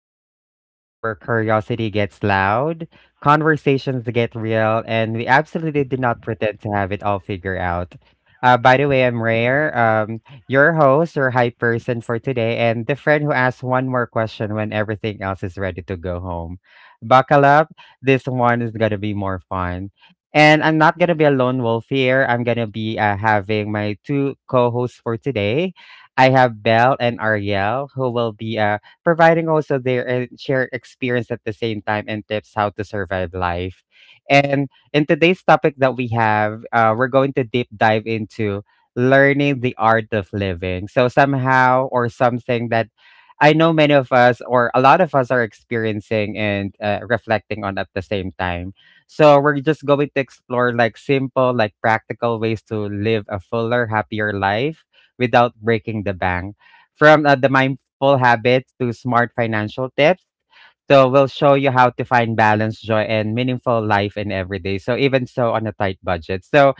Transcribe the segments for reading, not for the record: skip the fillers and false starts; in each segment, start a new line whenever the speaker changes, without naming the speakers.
Thoughts, the place where curiosity gets loud, conversations get real, and we absolutely do not pretend to have it all figured out. By the way, I'm Rare, your host, your hype person for today, and the friend who asks one more question when everything else is ready to go home. Buckle up. This one is going to be more fun. And I'm not going to be a lone wolf here. I'm going to be having my two co hosts for today. I have Belle and Ariel who will be providing also their and share experience at the same time and tips how to survive life. And in today's topic that we have, we're going to deep dive into learning the art of living. So somehow or something that I know many of us or a lot of us are experiencing and reflecting on at the same time. So we're just going to explore like simple, like practical ways to live a fuller, happier life without breaking the bank. From the mindful habits to smart financial tips. So we'll show you how to find balance, joy, and meaningful life in every day. So even so on a tight budget. So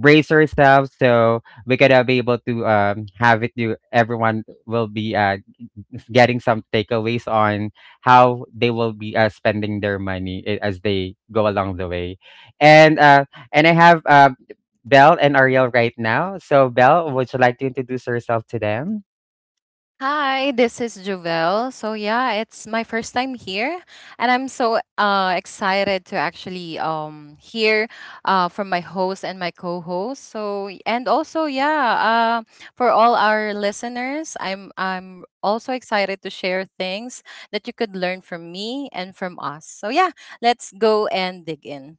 brace yourselves so we gotta be able to have it you everyone will be getting some takeaways on how they will be spending their money as they go along the way. And uh, and I have Belle and Ariel right now. So Belle, would you like to introduce yourself to them?
Hi, this is Juvel. So yeah, it's my first time here, and I'm so excited to actually hear from my host and my co-host. So and also yeah, for all our listeners, I'm also excited to share things that you could learn from me and from us. So yeah, let's go and dig in.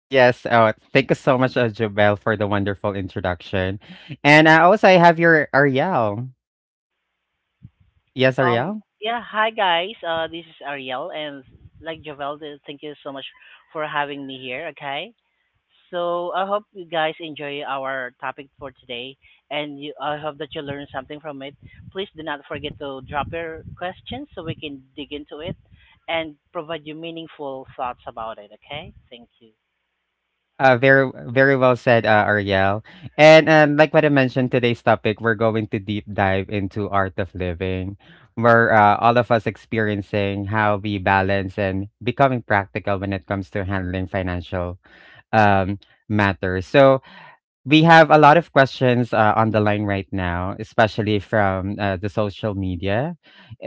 Yes. Oh, thank you so much, Jobelle, for the wonderful introduction. And also, I have your Ariel. Yes,
Um,
Ariel.
yeah, hi guys. This is Ariel, and like Javel, thank you so much for having me here. Okay, so I hope you guys enjoy our topic for today, and you, I hope that you learn something from it. Please do not forget to drop your questions so we can dig into it and provide you meaningful thoughts about it. Okay, thank you.
Very very well said, Ariel. And Like what I mentioned, today's topic, we're going to deep dive into art of living, where all of us experiencing how we balance and becoming practical when it comes to handling financial um, matters. So we have a lot of questions on the line right now, especially from the social media.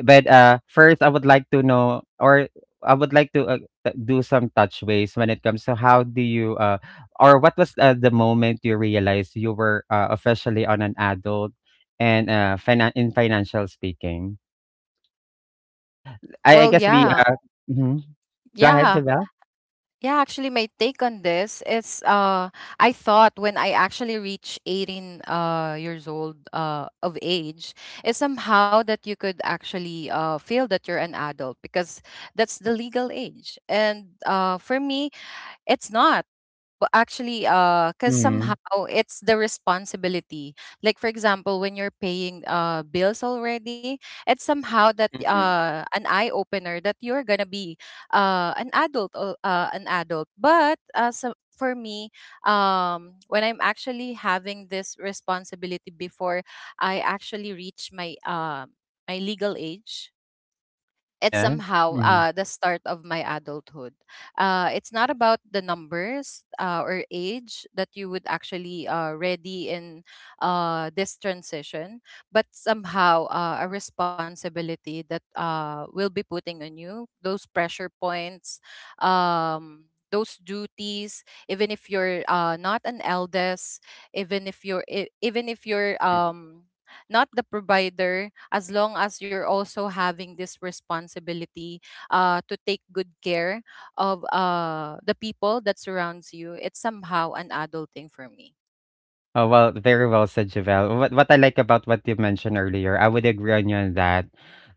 But first, I would like to know, or I would like to do some touchways when it comes to how do you, or what was the moment you realized you were officially on an adult and in financial speaking? I
Well,
guess we
yeah,
mhm. Go ahead,
yeah.
Javel.
Yeah, actually, my take on this is I thought when I actually reached 18 years old of age, is somehow that you could actually feel that you're an adult because that's the legal age. And for me, it's not. Well, actually, because somehow
Hmm.
it's the responsibility. Like for example, when you're paying bills already, it's somehow that an eye opener that you're gonna be an adult. But so for me, when I'm actually having this responsibility before I actually reach my my legal age, it's
Yeah.
somehow
Mm-hmm.
the start of my adulthood. It's not about the numbers or age that you would actually ready in this transition, but somehow a responsibility that will be putting on you those pressure points. Um, those duties even if you're not an eldest, even if you're not the provider, as long as you're also having this responsibility to take good care of the people that surrounds you. It's somehow an adult thing for me.
Oh, well, very well said, Javelle. What I like about what you mentioned earlier, I would agree on you on that.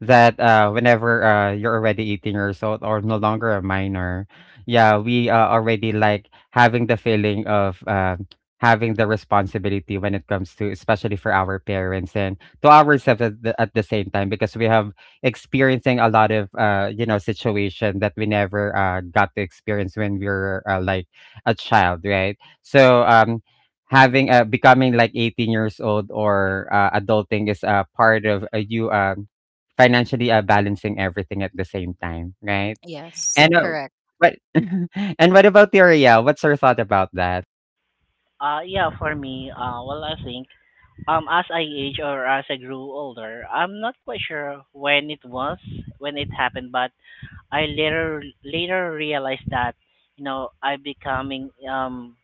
That whenever you're already 18 years old or no longer a minor, yeah, we already like having the feeling of having the responsibility when it comes to, especially for our parents and to ourselves at at the same time, because we have experiencing a lot of you know situation that we never got to experience when we were like a child, right? So having becoming like 18 years old or adulting is a part of you financially balancing everything at the same time, right?
Yes,
and uh,
correct.
but and what about theoria, what's your thought about that?
Yeah, for me, well, I think as I age or as I grew older, I'm not quite sure when it was, when it happened, but I later realized that you know I becoming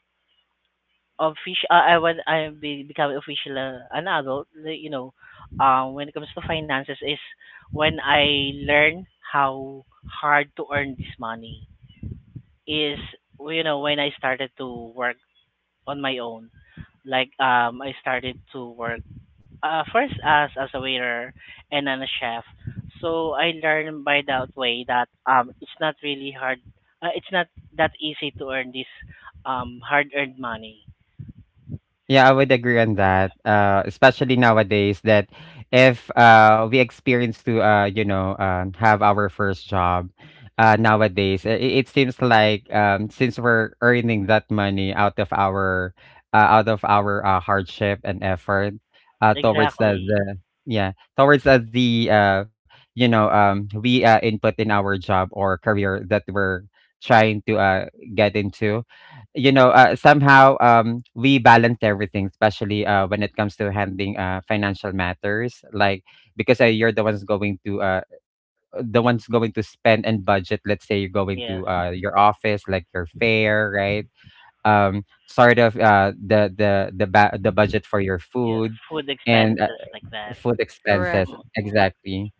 official. I when I be, become official an adult. You know, when it comes to finances, is when I learn how hard to earn this money. Is you know when I started to work on my own. Like I started to work first as a waiter and then a chef. So I learned by that way that it's not really hard. It's not that easy to earn this hard earned money.
Yeah, I would agree on that. Especially nowadays that if we experience to have our first job nowadays, it seems like since we're earning that money out of our hardship and effort uh, towards the,
Exactly.
the yeah towards the you know we input in our job or career that we're trying to get into, you know, somehow we balance everything, especially when it comes to handling financial matters like because you're the ones going to spend and budget. Let's say you're going
Yes.
to your office like your fare, right? Sort of the budget for your
Yeah.
food
Food
and
expenses like that.
food
Correct.
expenses exactly.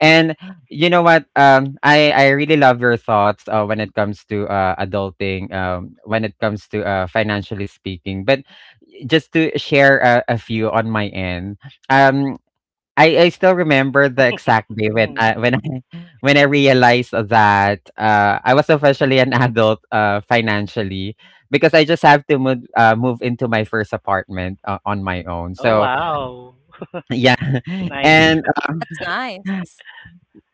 And you know what? I really love your thoughts when it comes to adulting. When it comes to financially speaking, but just to share a few on my end. Um, I still remember the exact day when
Mm.
I when I realized that I was officially an adult financially because I just have to move into my first apartment on my own.
Oh
So
wow.
yeah,
Nice.
and
That's
uh,
nice.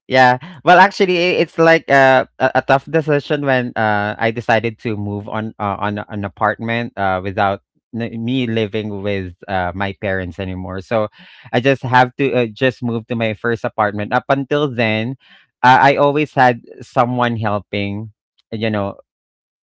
yeah. Well, actually, it's like a tough decision when I decided to move on on an apartment without me living with my parents anymore. So I just have to just move to my first apartment. Up until then, I always had someone helping. You know,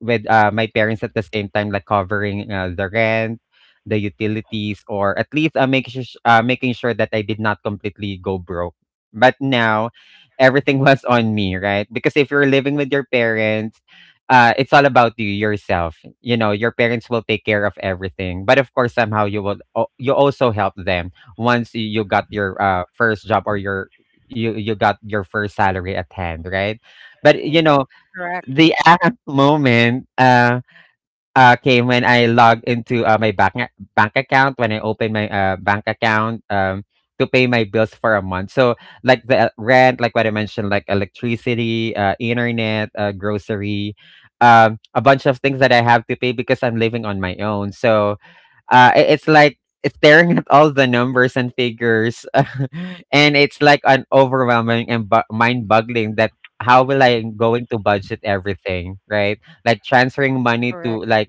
with, my parents at the same time, like covering, the rent, the utilities, or at least, make sus making sure that I did not completely go broke. But now, everything was on me, right? Because if you're living with your parents, it's all about you yourself. You know, your parents will take care of everything, but of course, somehow you will you also help them once you got your first job or your you got your first salary at hand, right? But you
Hmm.
know,
Correct.
the aha moment, came when I logged into, my bank a bank account, when I opened my, bank account, to pay my bills for a month. So, like, the rent, like what I mentioned, like electricity, internet, grocery, a bunch of things that I have to pay because I'm living on my own. So, it's like staring at all the numbers and figures and it's like an overwhelming and mind-boggling that how will I going to budget everything, right? Like
Correct.
transferring money to like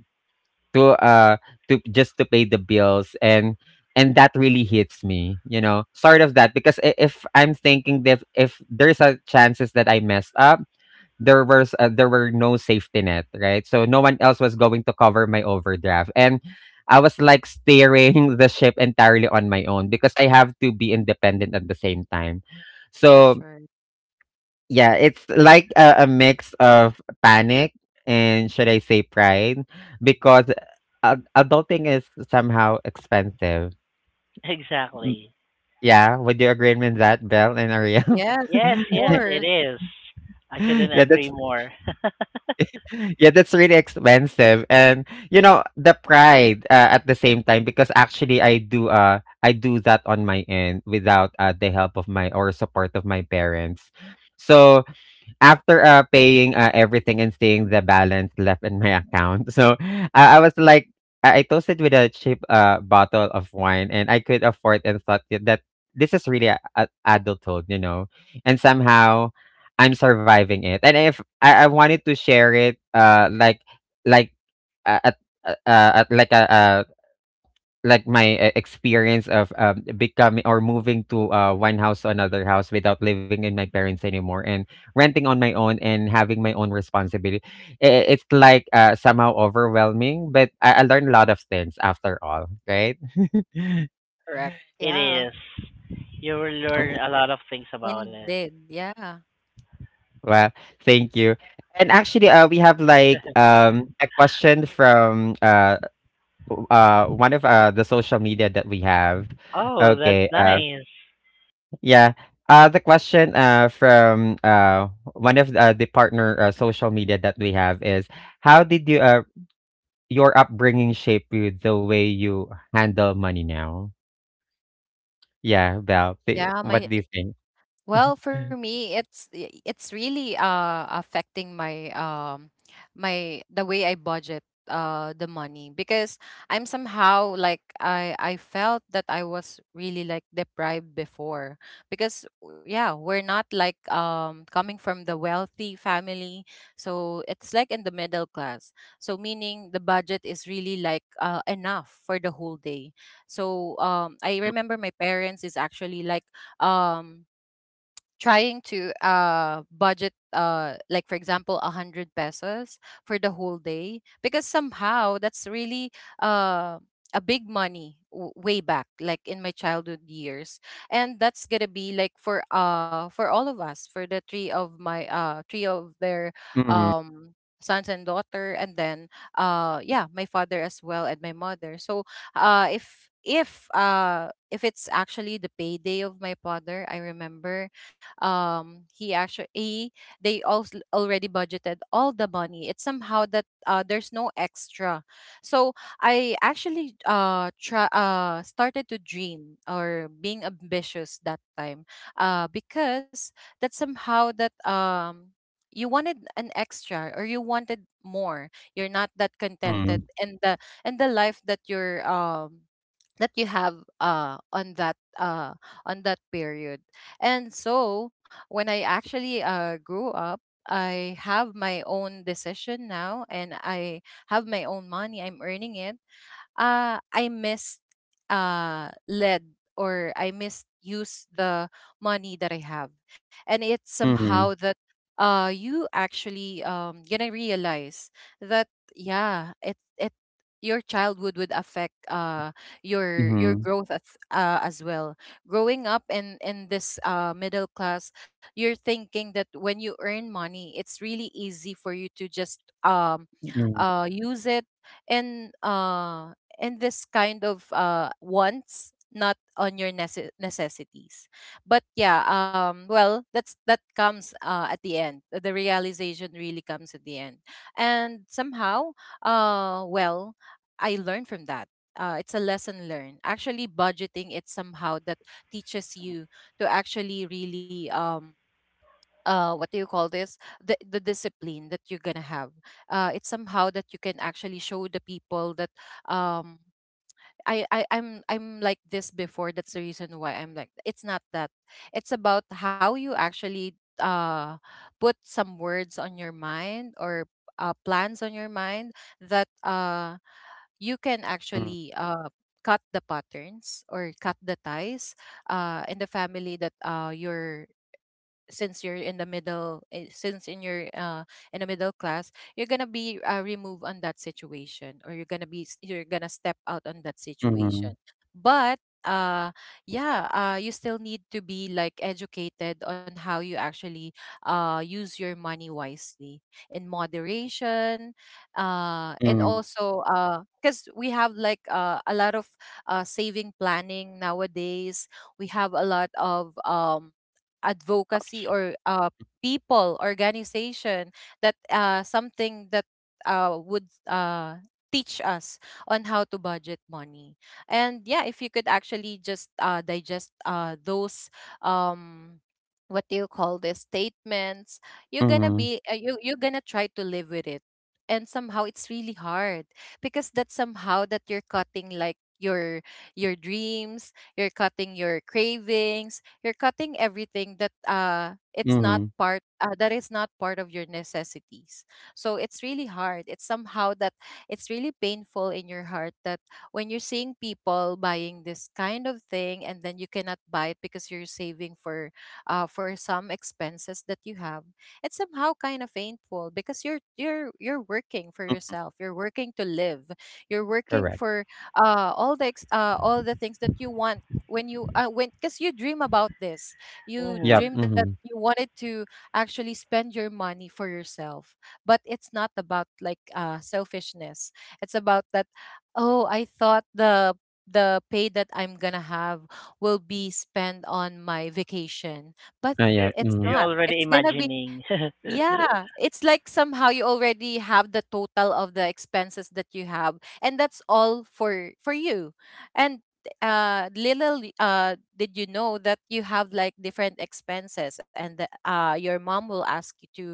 to uh to just to pay the bills. And that really hits me, you know, sort of, that because if I'm thinking that if there's a chances that I messed up, there were no safety net, right? So no one else was going to cover my overdraft, and I was like steering the ship entirely on my own because I have to be independent at the same time.
That's
So
right.
yeah, it's like a mix of panic and should I say pride because adulting is somehow expensive. Mm,
Exactly.
yeah, would you agree with that, Belle and Ariel?
Yes, of
Yes. Yes.
course.
It is. I couldn't
Yeah,
agree
that's
more.
yeah, that's really expensive, and you know the pride at the same time because actually I do that on my end without the help of my or support of my parents. So after paying everything and seeing the balance left in my account. So I was like, I toasted with a cheap bottle of wine and I could afford and thought that this is really adulthood, you know, and somehow I'm surviving it. And if I wanted to share it, like, uh, at, at like a, like my experience of becoming or moving to one house to another house without living in my parents anymore and renting on my own and having my own responsibility. It's like somehow overwhelming, but I learned a lot of things after all, right?
Correct.
It
Yeah,
is. You will
Oh,
learn a lot of things about it.
indeed. Yeah.
well, thank you. And actually we have like a question from one of the social media that we have.
Oh, that's
Okay.
nice.
Yeah. The question from one of the partner social media that we have is how did you your upbringing shape you the way you handle money now? Yeah, Val,
yeah
what
my
do you think?
Well, for me, it's really affecting my the way I budget the money because I'm somehow like I felt that I was really like deprived before because yeah, we're not like coming from the wealthy family, so it's like in the middle class. So meaning the budget is really like enough for the whole day. So I remember my parents is actually like um trying to budget like for example a hundred pesos for the whole day because somehow that's really uh a big money way back like in my childhood years, and that's gonna be like for all of us, for the three of my three of their
Mm-hmm,
um sons and daughter. And then yeah, my father as well, and my mother. So if it's actually the payday of my father, I remember um he actually he, they also already budgeted all the money. It's somehow that there's no extra. So I actually try started to dream or being ambitious that time because that somehow that you wanted an extra or you wanted more, you're not that
mm-hmm,
contented and the life that you're that you have on that period. And so when I actually grew up, I have my own decision now, and I have my own money, I'm earning it, I missed, led, or I misused the money that I have. And it's somehow
mm-hmm,
that you actually gonna realize that, yeah, it your childhood would affect your
mm-hmm,
growth as well. Growing up in this middle class, you're thinking that when you earn money, it's really easy for you to just um,
mm-hmm,
use it and and this kind of wants, not on your necessities. But yeah, well, that's that comes at the end. The realization really comes at the end. And somehow uh well I learned from that. It's a lesson learned. Actually budgeting, it somehow that teaches you to actually really what do you call this, the discipline that you're gonna have. Uh, it's somehow that you can actually show the people that um I'm I'm like this before. That's the reason why I'm like it's not that. It's about how you actually put some words on your mind or plans on your mind, that you can actually cut the patterns or cut the ties in the family that you're since you're in the since in your in the middle class, you're gonna be removed on that situation, or you're gonna be you're gonna step out on that
mm-hmm,
situation. But uh yeah, you still need to be like educated on how you actually use your money wisely, in moderation, and
mm-hmm.
also because we have like a lot of saving planning nowadays. We have a lot of advocacy
Option.
or people organization that something that would teach us on how to budget money. And yeah, if you could actually just digest those um, what do you call this, statements, you're gonna
Mm-hmm,
be you're gonna try to live with it. And somehow it's really hard because that's somehow that you're cutting like your dreams, you're cutting your cravings, you're cutting everything that it's not
mm-hmm,
part that is not part of your necessities. So it's really hard. It's somehow that it's really painful in your heart, that when you're seeing people buying this kind of thing and then you cannot buy it because you're saving for for some expenses that you have. It's somehow kind of painful because you're working for yourself, you're working to live, you're working
correct.
for all the things that you want, when you when because you dream about this. You
Yep.
Mhm.
dream that
Mm-hmm.
you wanted to actually spend your money for yourself, but it's not about like selfishness. It's about that, oh I thought the pay that I'm gonna have will be spent on my vacation, but
You're
Yeah.
it's
Mm-hmm,
not, it's
already
gonna be,
imagining.
yeah, it's like somehow you already have the total of the expenses that you have, and that's all for you. And little did you know that you have like different expenses, and the, your mom will ask you to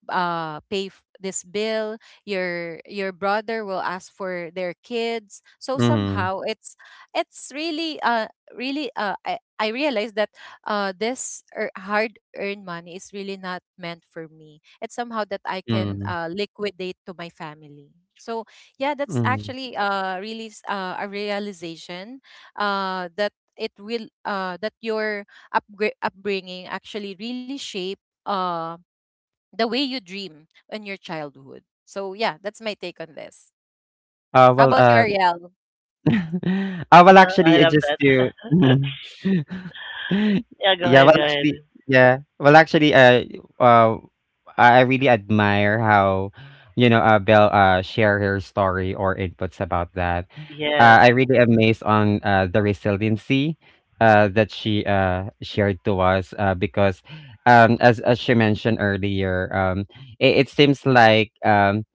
this bill, your brother will ask for their kids. So
mm-hmm,
somehow it's really really I realized that this hard earned money is really not meant for me. It's somehow that I can
mm-hmm.
liquidate to my family. So yeah, that's
Mm-hmm,
actually a realization that it will that your upbringing actually really shape uh the way you dream in your childhood. So yeah, that's my take on this.
Uh,
How
well,
about you,
uh,
Ariel?
Ah, well,
I
actually, I
love
just do
that.
mhm.
Yeah, go
Yeah,
ahead,
well,
go ahead.
actually yeah. Well, actually, uh, I really admire how, you know, Belle, share her story or inputs about that.
Yes,
I really amazed on, the resiliency, that she, shared to us, because, as she mentioned earlier, it seems like,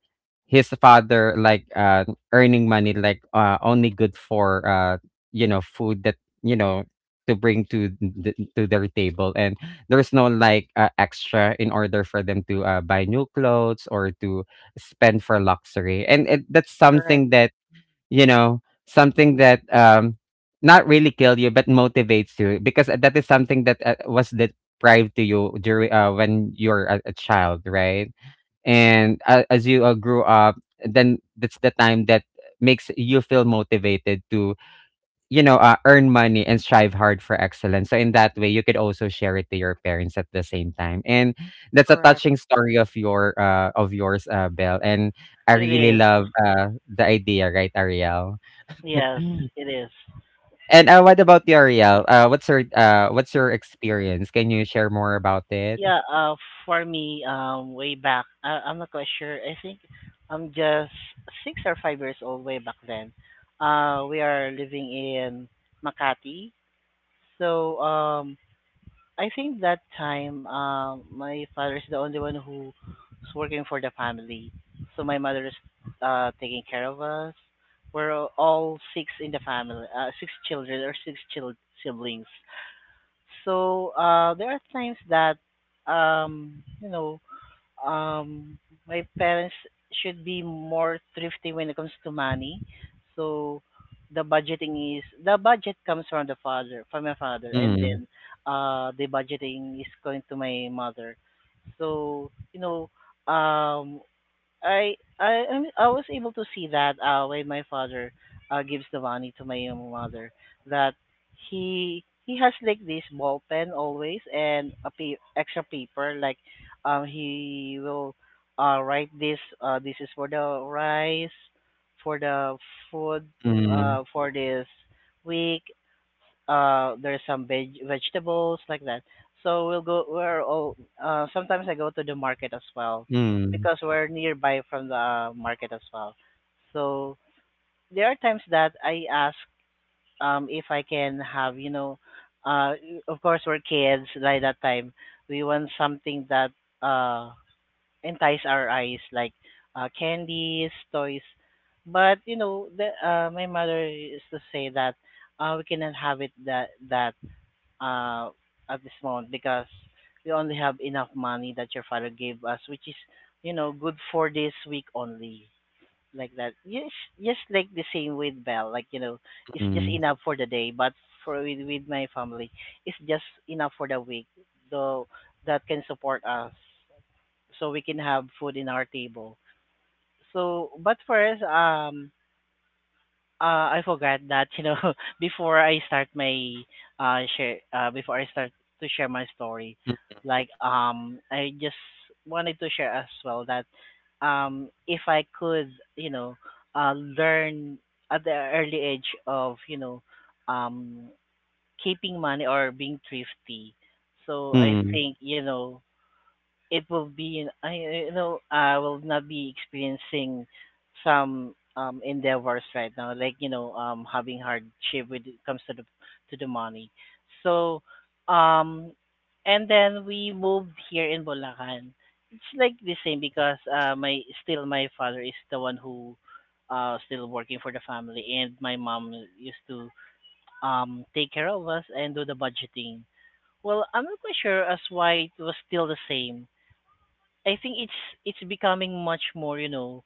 his father like earning money like only good for you know food that you know to bring to to their table. And there's no like extra in order for them to buy new clothes or to spend for luxury. And that's
Correct,
something that you know something that not really kill you, but motivates you, because that is something that was deprived to you during when you're a child, right? And a as you grew up, then that's the time that makes you feel motivated to earn money and strive hard for excellence. So in that way you could also share it to your parents at the same time. And that's a
correct.
touching story of your of yours, Belle. And I
it
really
is.
love the idea, right, Ariel?
Yes, it is.
And, what about you, Ariel? What's your experience? Can you share more about it?
Yeah, for me, way back, I'm not quite sure. I think I'm just 6 or 5 years old way back then. We are living in Makati, so I think that time, my father is the only one who's working for the family. So my mother is taking care of us. We're all six in the family, six children or siblings. So there are times that, you know, um my parents should be more thrifty when it comes to money. So the budget comes from the father, from my father, and
Mm,
then the budgeting is going to my mother. So you know, um I was able to see that when my father gives the money to my young mother that he has like this ball pen always and a extra paper like he will write this this is for the rice for the food
mm,
for this week there's some vegetables like that. So we're all sometimes I go to the market as well
mm,
because we're nearby from the market as well. So there are times that I ask if I can have, you know, uh of course we're kids by that time. We want something that uh entice our eyes like candies, toys. But you know, the my mother used to say that we cannot have it that that uh, at this moment because we only have enough money that your father gave us, which is, you know, good for this week only. Like that. Yes, just like the same with Bell. Like, you know, it's just
mm,
enough for the day. But for with my family, it's just enough for the week. Though that can support us so we can have food in our table. So, but first, I forgot that you know before I start my share before I start to share my story,
mm,
like I just wanted to share as well that if I could you know learn at the early age of you know um keeping money or being thrifty, so I
mm.
think you know it will be in- I you know I will not be experiencing some endeavors right now like you know having hardship when it comes to the money so um and then we moved here in Bulacan. It's like the same because my still my father is the one who still working for the family and my mom used to take care of us and do the budgeting. Well, I'm not quite sure as why it was still the same. I think it's becoming much more, you know,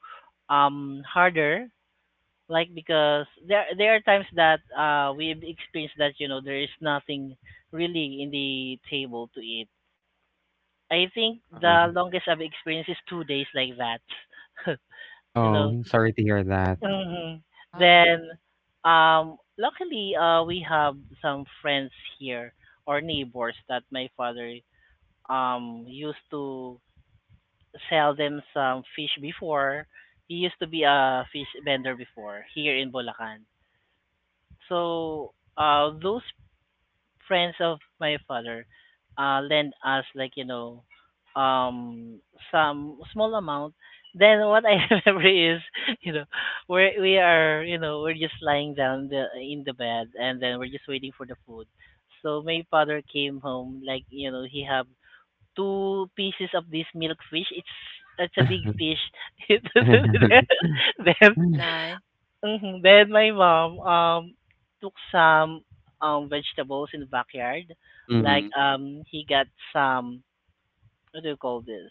harder like because there are times that we've experienced that, you know, there is nothing really in the table to eat. I think
uh,
the longest I've experienced is 2 days like that. You know.
oh, sorry to hear that.
Hmm. Then
Ah,
luckily we have some friends here or neighbors that my father used to sell them some fish before. He used to be a fish vendor before here in Bulacan. So those friends of my father lend us like you know um some small amount. Then what I remember is you know we are you know we're just lying down in the bed and then we're just waiting for the food. So my father came home like you know he have two pieces of this milk fish. It's a big fish. then then
nice.
mhm, then my mom took some vegetables in the backyard. Like
Mm,
he got some, what do you call this?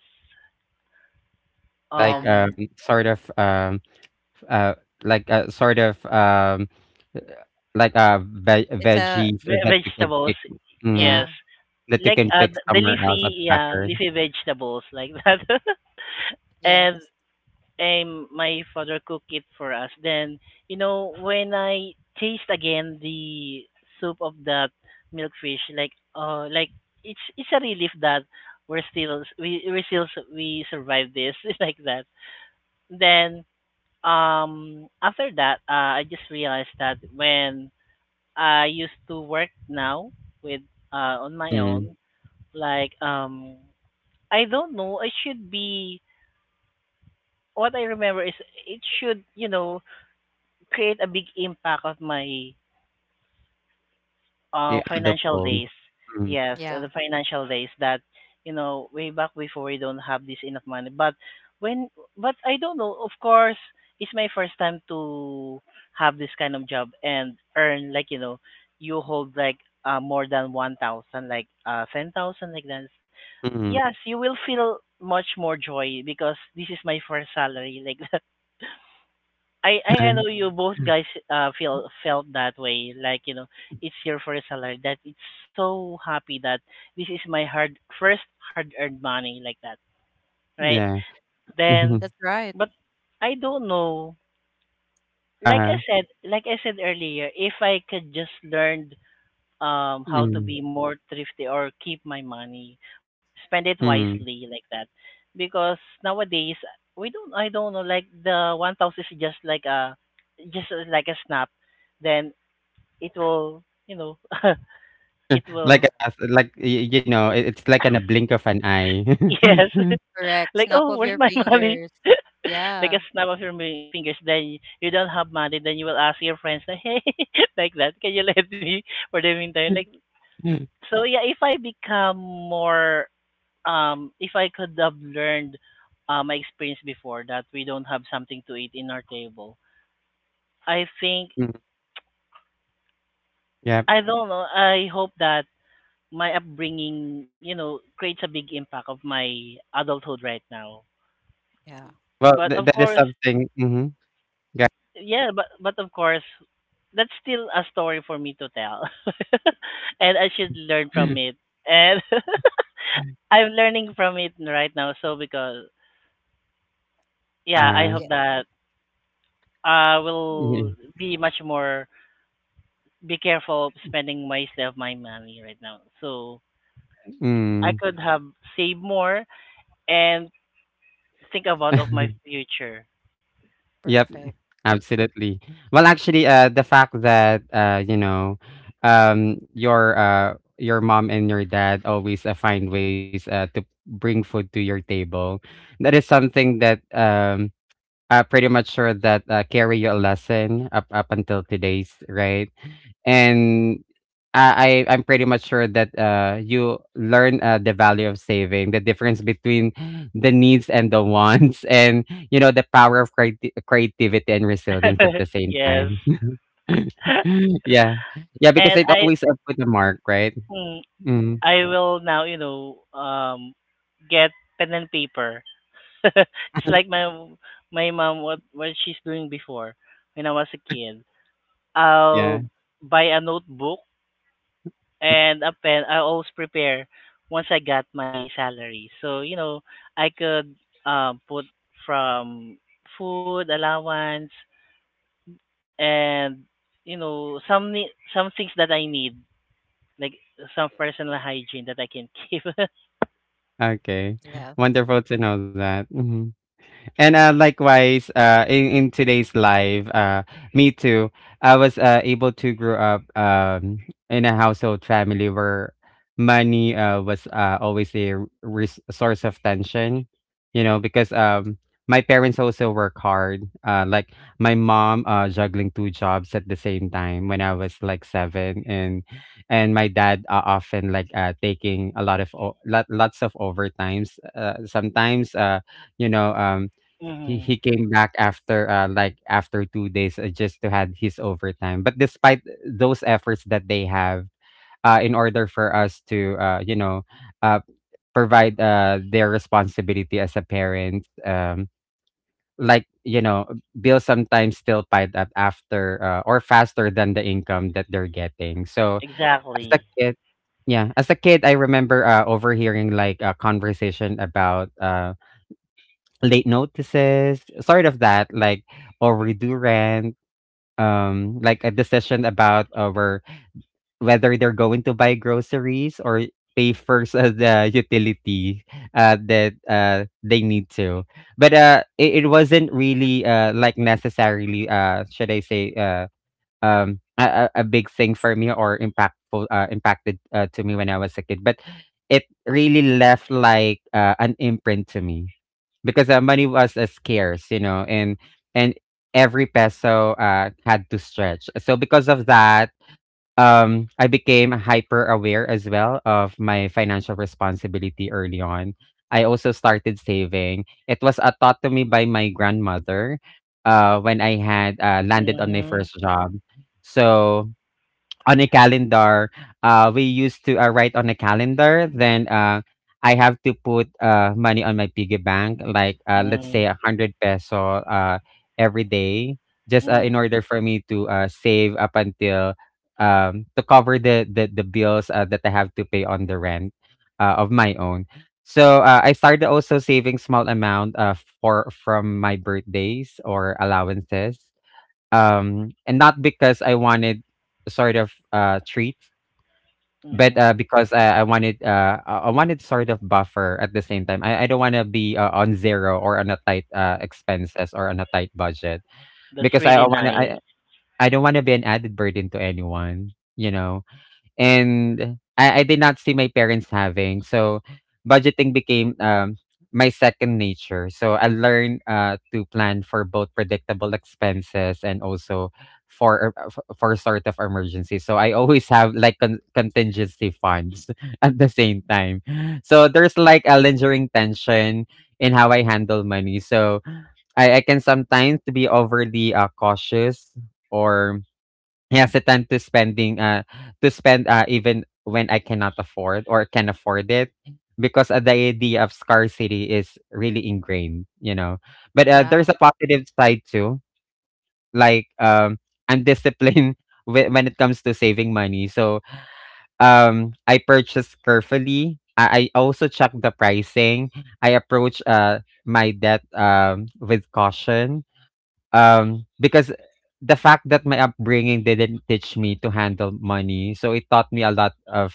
like
Yeah,
Um
sort of uh, like sort of like, ve
it's a
veggies that you can
vegetables.
pick. Mm,
Yes.
yeah,
that you
Like
can pick
the
somewhere else at the
leafy yeah,
backyard.
leafy vegetables like that. And
yes,
my father cooked it for us. Then, you know, when I taste again the soup of that milkfish, like, it's a relief that we still we survived this like that. Then, after that, I just realized that when I used to work now with on my
Mm,
own, like I don't know, I should be. What I remember is it should, you know, create a big impact of my
you adult.
financial days.
Mm,
Yes, the
yeah.
financial days that you know way back before we don't have this enough money. But when but I don't know. Of course, it's my first time to have this kind of job and earn like you know you hold like more than 1,000, like 10,000, like that.
mm.
Yes, you will feel much more joy because this is my first salary like I know you both guys feel felt that way. Like you know, it's your first salary. That it's so happy that this is my hard earned money like that, right?
Yeah. Mhm.
Then,
That's right.
but I don't know. Like I
Uh-huh.
said, like I said earlier, if I could just learn how to
Mm,
be more thrifty or keep my money spend it wisely
mm.
like that because nowadays we don't I don't know like the 1,000 is just like a snap. Then it will you know it
Like,
will
as like, y you know, it it's like in a blink of an eye.
yes
Correct.
like,
Snap
oh,
of
where's
your
my money?
fingers.
Like a
Yeah,
snap of your fingers, then you don't have money, then you will ask your friends like, hey, like that, can you lend me for the meantime? Like so yeah, if I could have learned my experience before that we don't have something to eat in our table, I think
Mm, yep.
I don't know. I hope that my upbringing, you know, creates a big impact of my adulthood right now.
yeah,
Well,
But of
th that
course,
is something, mhm, yeah.
yeah, but of course, that's still a story for me to tell, and I should learn from it. And I'm learning from it right now. So because yeah, I hope
Uh-huh.
yeah.
that I will be much more be careful of spending wisely of my money right now. So I
Mm.
could have saved more and think about of my future.
Yep,
Perfect.
absolutely. Well, actually, the fact that you know, your mom and your dad always find ways to bring food to your table. That is something that, pretty much sure that carry your lesson up until today's, right? And I'm pretty much sure that you learn the value of saving, the difference between the needs and the wants, and you know the power of creativity and resilience at the same
Yes.
time. Yeah, yeah, because
And
it
I
always put a mark, right?
mm,
Mm,
I will now, you know, get pen and paper. It's like my mom, what she's doing before when I was a kid. I'll
yeah.
buy a notebook
Mm-hmm.
and a pen. I always prepare once I got my salary. So, you know, I could put from food allowance and you know some some things that I need like some personal hygiene that I can keep.
Okay,
Yeah,
wonderful to know that. Mhm. And likewise, in today's life, me too, I was able to grow up, in a household family where money was always a source of tension, you know, because, my parents also work hard. Like my mom juggling two jobs at the same time when I was like 7, and my dad often like taking a lot of lots of overtimes. Sometimes. You know,
Hmm.
he came back after like after 2 days, just to had his overtime. But despite those efforts that they have in order for us to uh provide their responsibility as a parent, like you know bills sometimes still piled up after or faster than the income that they're getting. So as a
Exactly.
kid, yeah, as a kid, I remember overhearing like a conversation about, late notices, sort of that, like overdue rent, like a decision about our whether they're going to buy groceries or pay first, the utility that they need to. But it wasn't really like necessarily, should I say um a, a big thing for me or impactful impacted to me when I was a kid. But it really left like an imprint to me, because money was scarce, you know, and every peso had to stretch. So because of that, I became hyper aware as well of my financial responsibility early on. I also started saving. It was taught to me by my grandmother when I had landed on my
Mhm.
first job. So on a calendar. We used to write on a calendar. Then I have to put money on my piggy bank, like let's say
Mhm.
100 peso every day, just in
Mhm.
order for me to save up until, to cover the bills that I have to pay on the rent of my own. So I started also saving small amount, for from my birthdays or allowances. And not because I wanted sort of treat, but
Mhm.
because I wanted sort of buffer at the same time. I don't want to be on zero or on a tight expenses or on a tight budget,
That's
because I
really
want to
nice.
I don't want to be an added burden to anyone, you know, and I did not see my parents having. So budgeting became, my second nature. So I learned to plan for both predictable expenses and also for, sort of emergency. So I always have like contingency funds at the same time. So there's like a lingering tension in how I handle money. So I can sometimes to be overly cautious, or yes, has the time to spend even when I cannot afford or can afford it, because the idea of scarcity is really ingrained, you know. But there's a
yeah.
positive side too, like I'm disciplined when it comes to saving money. So I purchase carefully. I also check the pricing. I approach my debt with caution, because the fact that my upbringing didn't teach me to handle money, so it taught me a lot of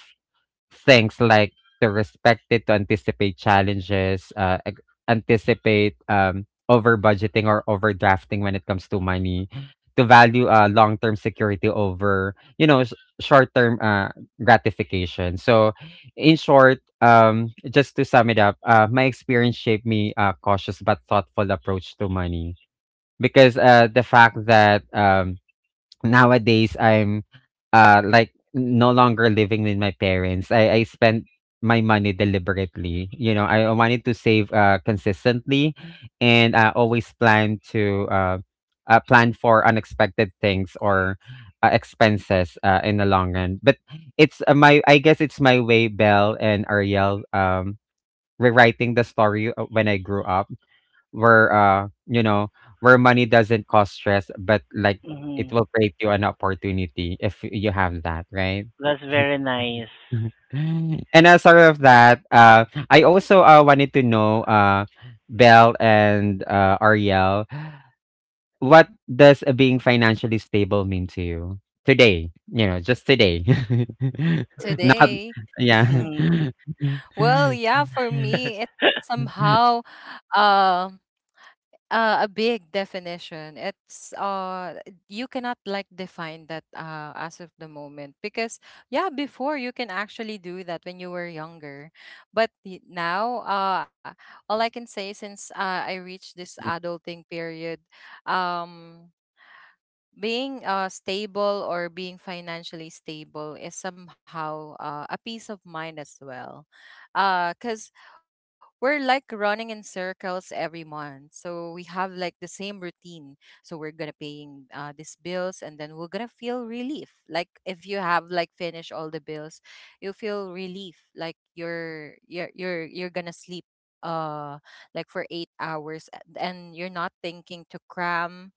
things like to respect it, to anticipate challenges, anticipate, over budgeting or overdrafting when it comes to money, to value long term security over you know short term gratification. So, in short, just to sum it up, my experience shaped me a cautious but thoughtful approach to money, because the fact that nowadays I'm like no longer living with my parents. I spent my money deliberately. You know, I wanted to save consistently, and I always plan to plan for unexpected things or expenses in the long run. But it's my, I guess it's my way, Belle and Ariel, rewriting the story when I grew up, where where money doesn't cause stress, but like it will
Mhm.
create you an opportunity if you have that, right?
That's very nice.
And aside of that, I also wanted to know, Belle and Ariel, what does being financially stable mean to you today? You know, just today. Not
Today,
yeah.
Mhm.
well, yeah, for me, it's
Mhm,
somehow, um, a big definition. It's you cannot like define that as of the moment, because yeah, before you can actually do that when you were younger. But now all I can say, since I reached this adulting period, um being stable or being financially stable is somehow a peace of mind as well, because we're like running in circles every month, so we have like the same routine. So we're gonna paying these bills, and then we're gonna feel relief, like if you have like finished all the bills, you feel relief like you're gonna sleep uh like for 8 hours and you're not thinking to cram,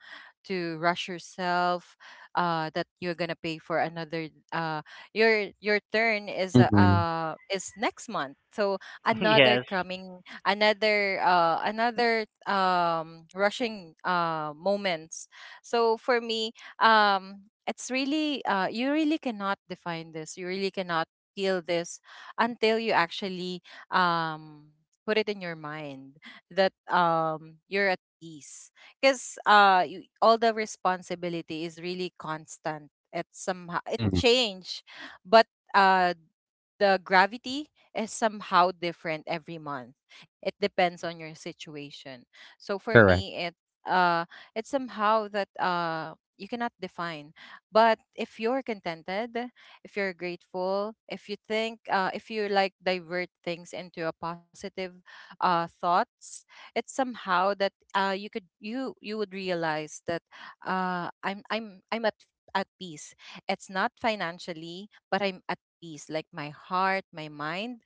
to rush yourself that you're gonna pay for another your turn
mhm,
is next month. So another
Yes.
coming, another rushing moments. So for me, it's really you really cannot define this, you really cannot feel this until you actually um put it in your mind that you're at peace. Because all the responsibility is really constant. It's somehow it
mhm.
change, but uh the gravity is somehow different every month. It depends on your situation. So for
Correct.
me, it uh, it's somehow that you cannot define. But if you're contented, if you're grateful, if you think, if you like divert things into a positive thoughts, it's somehow that you could you you would realize that uh, I'm at peace. It's not financially, but I'm at peace, like my heart, my mind,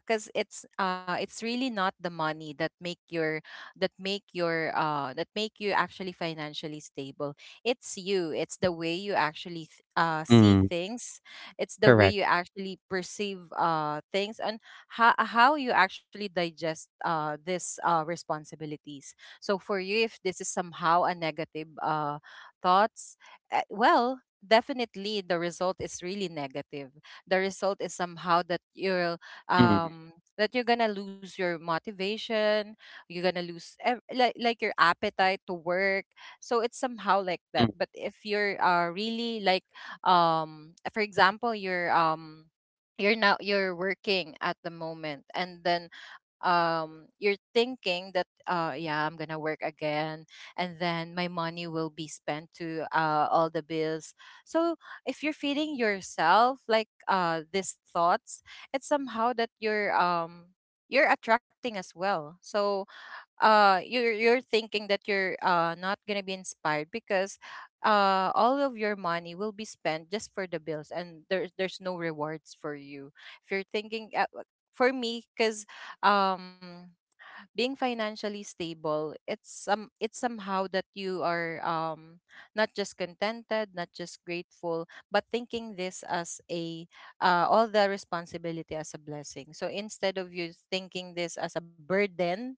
because it's really not the money that make your that make your that make you actually financially stable. It's the way you actually see
Mm-hmm.
things, it's the way
Correct.
you actually perceive things, and how you actually digest this responsibilities. So for you, if this is somehow a negative thoughts, well, definitely the result is really negative. The result is somehow that you'll
Mm,
um that you're gonna lose your motivation, you're gonna lose like your appetite to work. So it's somehow like that.
mm,
But if you're really like, for example, you're now, you're working at the moment, and then, you're thinking that, yeah, I'm gonna work again, and then my money will be spent to all the bills. So if you're feeding yourself like these thoughts, it's somehow that you're attracting as well. So, you're thinking that you're not gonna be inspired, because all of your money will be spent just for the bills, and there's no rewards for you. If you're thinking, like, for me, because, um being financially stable, it's somehow that you are, not just contented, not just grateful, but thinking this as a all the responsibility as a blessing. So instead of you thinking this as a burden,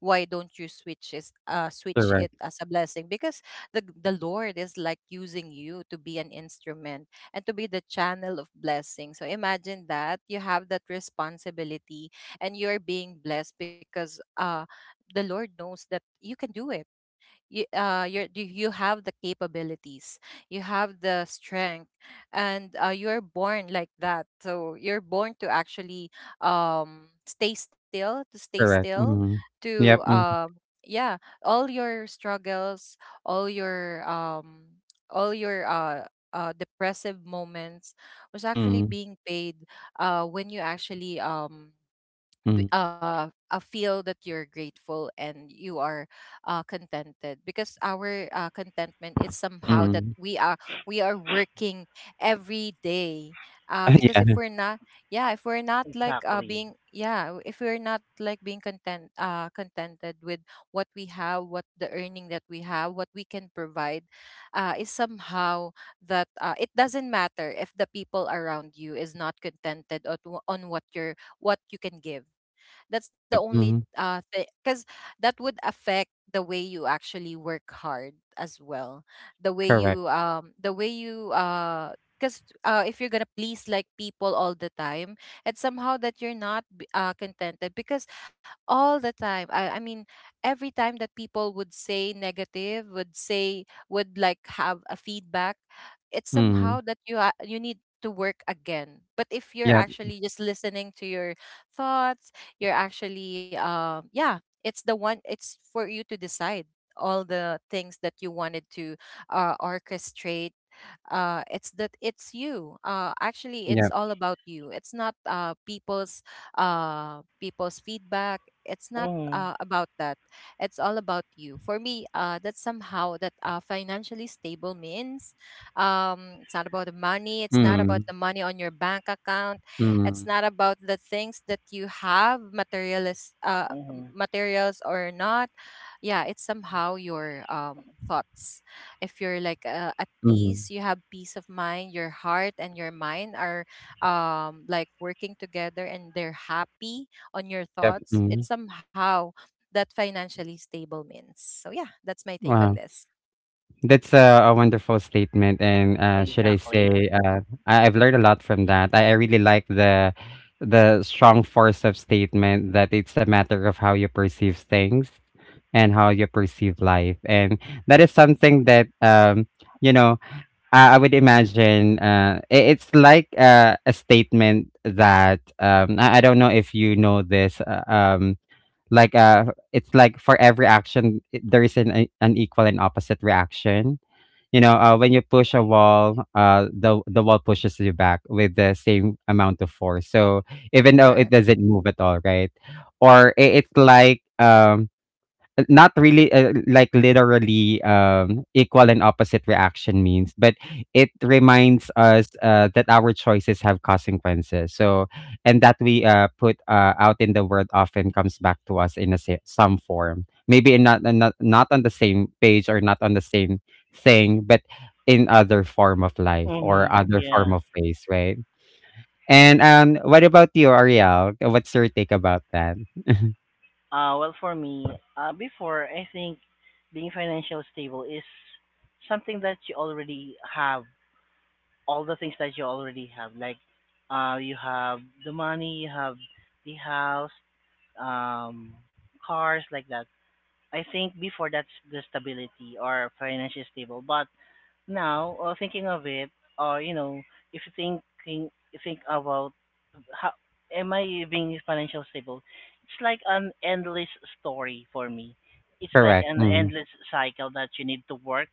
why don't you switch it
correct,
as a blessing, because the Lord is like using you to be an instrument, and to be the channel of blessing. So imagine that you have that responsibility, and you're being blessed because, the Lord knows that you can do it. You have the capabilities, you have the strength. And, you're born like that, so you're born to actually, stay still, to stay
correct.
still
Mhm.
to
Yep, mhm,
yeah, all your struggles, all your um all your depressive moments was actually
mm,
being paid, when you actually,
mm,
feel that you're grateful, and you are, contented, because our, contentment is somehow that
mm.
we are working every day, because
Yeah,
if we're not yeah if we're not like
Exactly.
being yeah if we're not like being contented with what we have, what the earning that we have, what we can provide, is somehow that, it doesn't matter if the people around you is not contented on what you're, what you can give. That's the
yep,
only
mhm,
thing, because that would affect the way you actually work hard as well.
correct.
The way you Because, if you're gonna please like people all the time, it's somehow that you're not contented, because all the time, I mean, every time that people would say negative, would say, would like have a feedback, it's
Mm,
somehow that you need to work again. But if you're
yep,
actually just listening to your thoughts, you're actually, yeah, it's the one it's for you to decide all the things that you wanted to, orchestrate. It's you actually, it's
yep,
all about you. It's not, people's feedback. It's not,
Mhm,
about that. It's all about you. For me, that's somehow that, financially stable means, it's not about the money. It's not about
mm,
the money on your bank account. It's
mm,
not about the things that you have, materialist
mhm.
materials or not. Yeah, it's somehow your, thoughts. If you're like, at
mhm,
peace, you have peace of mind. Your heart and your mind are, like working together, and they're happy on your
yep,
thoughts. It's
mhm.
somehow that financially stable means. So yeah, that's my take on
Wow,
this.
that's a wonderful statement, and, should I say,
Exactly.
I I've learned a lot from that. I really like the strong force of statement that it's a matter of how you perceive things and how you perceive life, and that is something that, you know, I would imagine it's like a statement that I don't know if you know this. Like uh, it's like for every action, there is an, an equal and opposite reaction. You know, when you push a wall, the wall pushes you back with the same amount of force. So even though
Correct.
it doesn't move at all, right? Or it's like, not really, like, literally, equal and opposite reaction means, but it reminds us that our choices have consequences. So, and that we put out in the world often comes back to us in a some form. Maybe in not on the same page or not on the same thing, but in other form of life or
Mhm,
other form
yes.
of ways, right? And what about you, Ariel? What's your take about that?
Well, for me, before, I think being financially stable is something that you already have, all the things that you already have. Like, you have the money, you have the house, um, cars, like that. I think before that's the stability or financially stable. But now, thinking of it, or you know, if you thinking, think about how am I being financial stable? It's like an endless story for me. It's like
Correct.
an
Mm,
endless cycle that you need to work.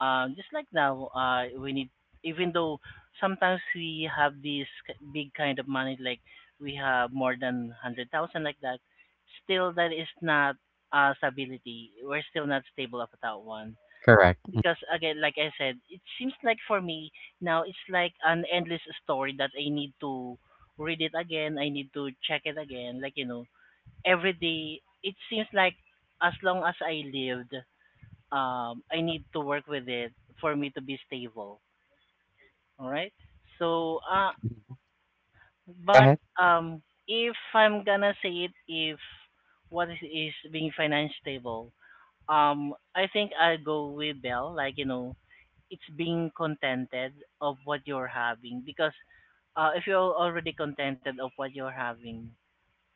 Just like now, we need, even though sometimes we have this big kind of money, like we have more than 100,000 like that. Still, that is not stability. We're still not stable about that one,
correct.
because again, like I said, it seems like for me now it's like an endless story that I need to read it again. I need to check it again. Like, every day it seems like as long as I lived, I need to work with it for me to be stable. All right. So,
Yeah. Go
but
ahead.
um, if I'm gonna say it, if what is being financially stable, I think I'll go with Bell. Like, it's being contented of what you're having, because if you're already contented of what you're having,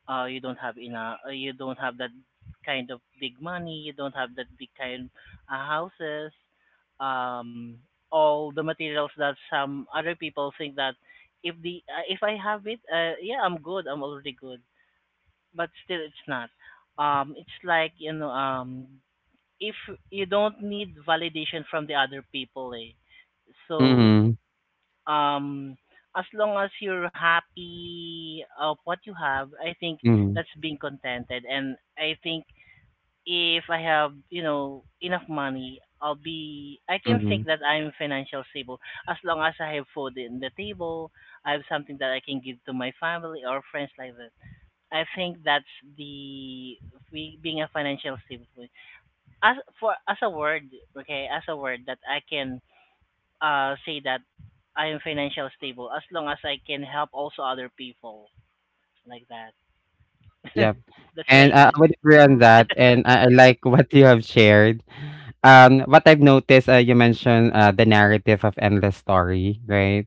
you don't have enough, you don't have that kind of big money, you don't have that big kind, houses, um, all the materials that some other people think that, if I have it, yeah, I'm good, I'm already good. But still it's not. Um it's like, if you don't need validation from the other people, eh. So
Mhm,
um as long as you're happy of what you have, I think
mhm,
that's being contented. And I think if I have, enough money, I can think
mhm,
that I'm financial stable, as long as I have food in the table, I have something that I can give to my family or friends like that. I think that's the being a financial stable, as for as a word, okay, as a word that I can say that I am financial stable as long as I can help also other people like that.
yep,
That's what
and,
I
Perfect.
think.
I would agree
Yeah.
on that, and I like what you have shared. What I've noticed, you mentioned, the narrative of endless story, right?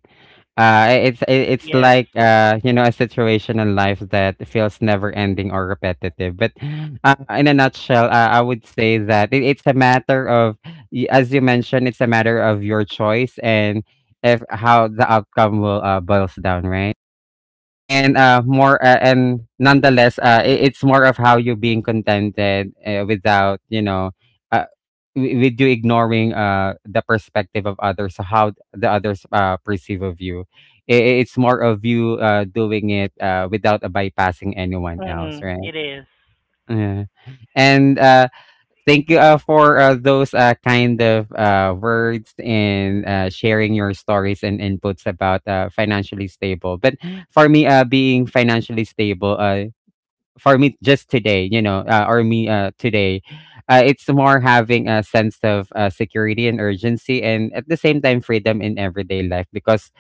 It's
Yes.
like, you know, a situation in life that feels never ending or repetitive. But, in a nutshell, I would say that it's a matter of, as you mentioned, it's a matter of your choice and if how the outcome will, boils down, right? And more and nonetheless, it's more of how you being contented without you know, uh, with you ignoring the perspective of others, so how the others perceive of you. It's more of you doing it without, bypassing anyone else,
Mm-hmm.
right?
It is.
Yeah. And thank you for those kind of words and sharing your stories and inputs about financially stable. But for me, being financially stable, for me just today, you know, or me today, it's more having a sense of security and urgency, and at the same time, freedom in everyday life. Because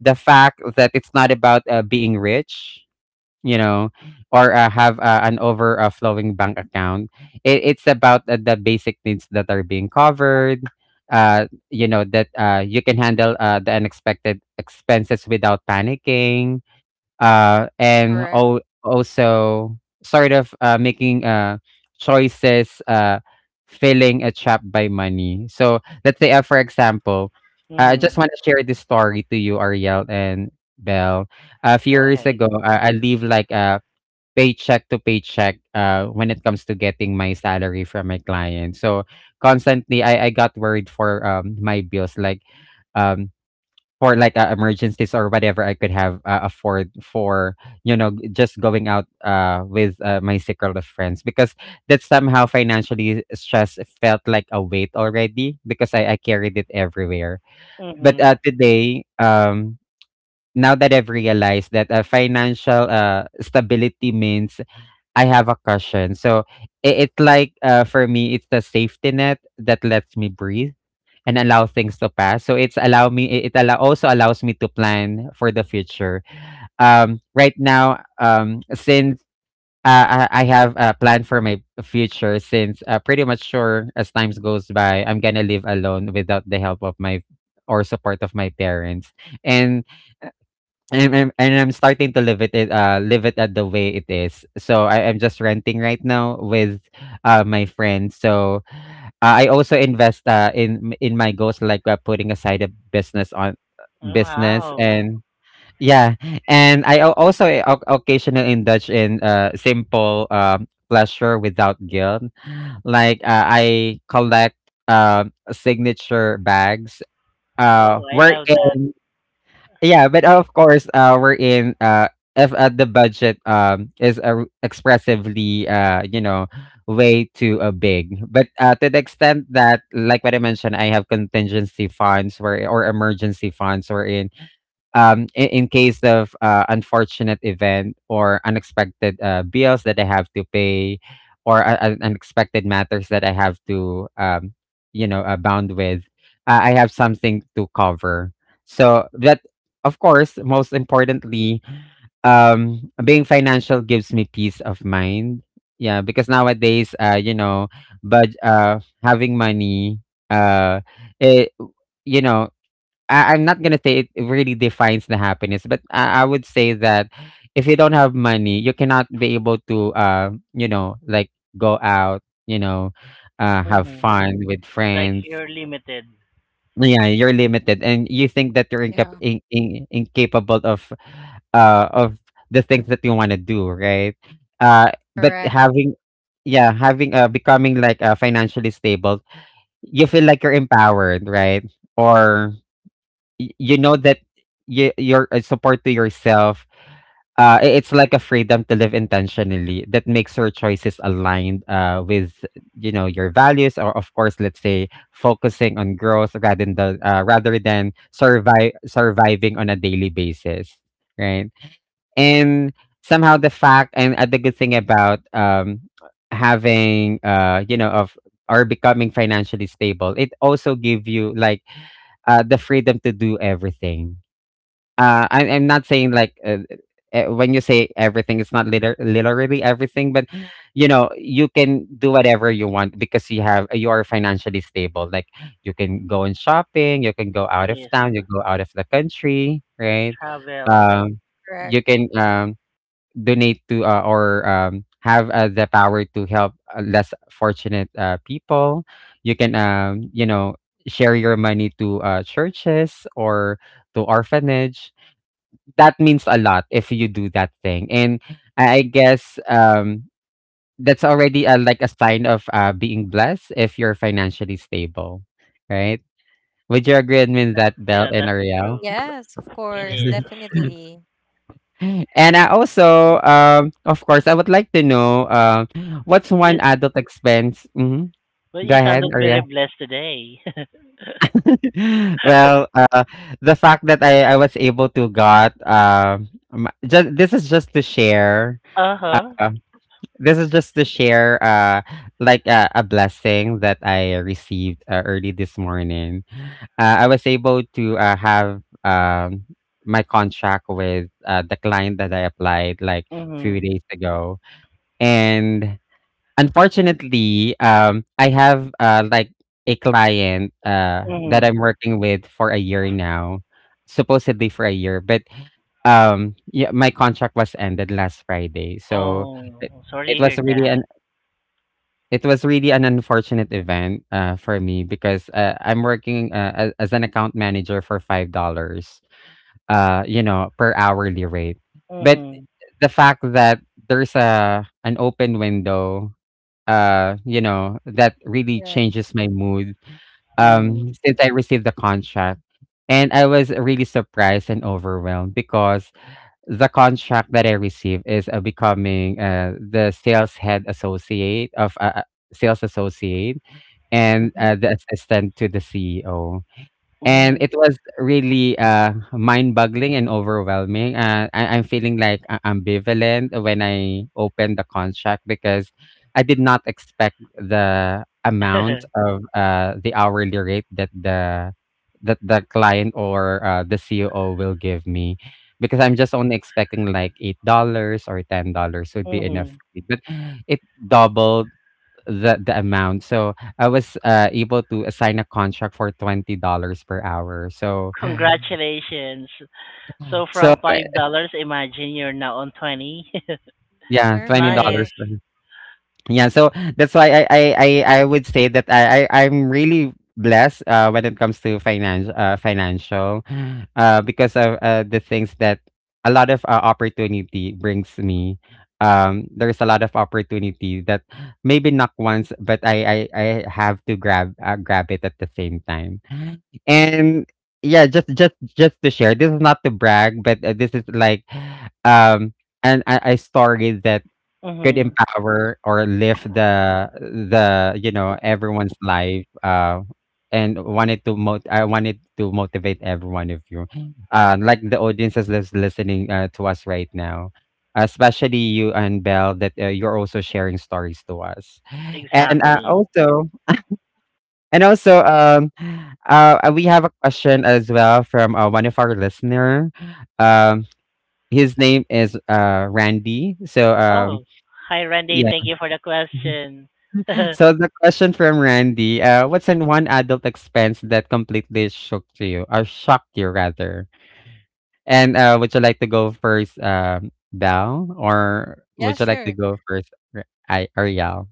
the fact that it's not about being rich, you know, or have an overflowing bank account. It's about the basic needs that are being covered. You know that you can handle the unexpected expenses without panicking, uh, and
Correct.
al- also sort of making choices, feeling a trap by money. So let's say, for example, I just
Mm-hmm.
want to share this story to you, Ariel and Bell. A few
Go
years
ahead.
ago, I live like a paycheck to paycheck when it comes to getting my salary from my client. So constantly, I got worried for my bills, like. Um, for like emergencies or whatever I could have afford for, just going out with my circle of friends, because that somehow financially stress felt like a weight already because I carried it everywhere. But
Mm-hmm.
today, now that I've realized that financial stability means I have a cushion, so it's like for me it's the safety net that lets me breathe and allow things to pass. So it allows me to plan for the future. Right now, since I have a plan for my future, since pretty much sure as times goes by, I'm gonna live alone without the help of my, or support of my, parents, and I'm starting to live it live it at the way it is. So I am just renting right now with my friends. So I also invest in my goals, like putting aside a business on
Oh,
business.
wow.
And yeah, and I occasionally indulge in simple pleasure without guilt. Like I collect signature bags,
Oh,
uh
I love that.
wherein yeah, but of course we're in if the budget is expressively, you know, way too big. But to the extent that, like what I mentioned, I have contingency funds, where or emergency funds, wherein in case of unfortunate event or unexpected bills that I have to pay, or unexpected matters that I have to, bound with, I have something to cover. So that, of course, most importantly, being financial gives me peace of mind. Yeah, because nowadays, you know, but having money, uh, it, you know, I I'm not gonna say it really defines the happiness, but I would say that if you don't have money, you cannot be able to, like, go out, you know, have
Mm-hmm.
fun with
It's like
friends.
you're limited.
Yeah, you're limited and you think that you're
Yeah.
incapable of uh of the things that you want to do, right? Uh but
Correct.
having Yeah, having becoming like financially stable, you feel like you're empowered, right? Or you know that you, your support to yourself, it's like a freedom to live intentionally that makes your choices aligned with, you know, your values. Or of course, let's say, focusing on growth rather than the, rather than survive surviving on a daily basis, right? And somehow the fact, and the good thing about having, you know of or becoming financially stable, it also give you like the freedom to do everything. I'm not saying like, when you say everything, it's not literally everything, but you know you can do whatever you want because you have you are financially stable. Like, you can go on shopping, you can go out
It
of
is
town, you go out of the country, right?
travel.
Um,
Correct.
you can, donate to, or have the power to help less fortunate people. You can, share your money to churches or to orphanage. That means a lot if you do that thing. And I guess that's already a, like a sign of being blessed if you're financially stable, right? Would you agree with me on
That's,
that, Belle
yeah,
and
that's
Ariel?
true.
Yes, of
It
course,
is.
definitely.
And I also, of course, I would like to know, what's
You,
one adult expense? Hmm.
but
Go
you
ahead,
sounded very
Ariel.
blessed today.
Well, the fact that I was able to got, just this is just to share.
Uh-huh.
uh, this is just to share like a blessing that I received early this morning. I was able to have, my contract with the client that I applied like a few
Mhm.
days ago, and unfortunately, I have like a client that
Mhm.
I'm working with for a year now, supposedly for a year. But yeah, my contract was ended last Friday, so it
Oh, sorry
it
to
was
hear
really
that.
it was really an unfortunate event for me, because I'm working as an account manager for $5, you know, per hourly rate. But
Mhm.
the fact that there's a an open window, you know, that really
Correct.
changes my mood.
Mhm.
Since I received the contract, and I was really surprised and overwhelmed because the contract that I received is, becoming the sales head associate of sales associate and
Mhm.
the assistant to the CEO. And
Mhm.
it was really mind-boggling and overwhelming. I'm feeling like ambivalent when I opened the contract, because I did not expect the amount of the hourly rate that the client, or the CEO, will give me. Because I'm just only expecting like $8 or $10 would be enough
Mhm.
for me. But it doubled the amount. So I was able to assign a contract for $20 per hour. So
Congratulations. So
so
from
uh,
$5, imagine you're now on 20.
yeah, twenty
Nice.
dollars.
Perfect.
Per. Yeah, so that's why I would say that I'm really blessed when it comes to finance financial because of the things that a lot of opportunity brings me. There's a lot of opportunity that maybe not once, but I have to grab it at the same time. And yeah, just to share, this is not to brag, but this is like um and a story that could
Mhm.
empower or lift the, you know, everyone's life. And wanted to mo- I wanted to motivate every one of you. Like the audiences that's listening to us right now. Especially you and Belle, that you're also sharing stories to us. And
Exactly.
also, we have a question as well from one of our listener. Um, his name is Randy. So,
Oh, hi Randy,
yeah.
thank you for the question.
So the question from Randy: what's in one adult expense that completely shocked you, or shocked you rather? And would you like to go first, Belle, or
Yeah,
would you like to
sure.
go first, R- I Ariel?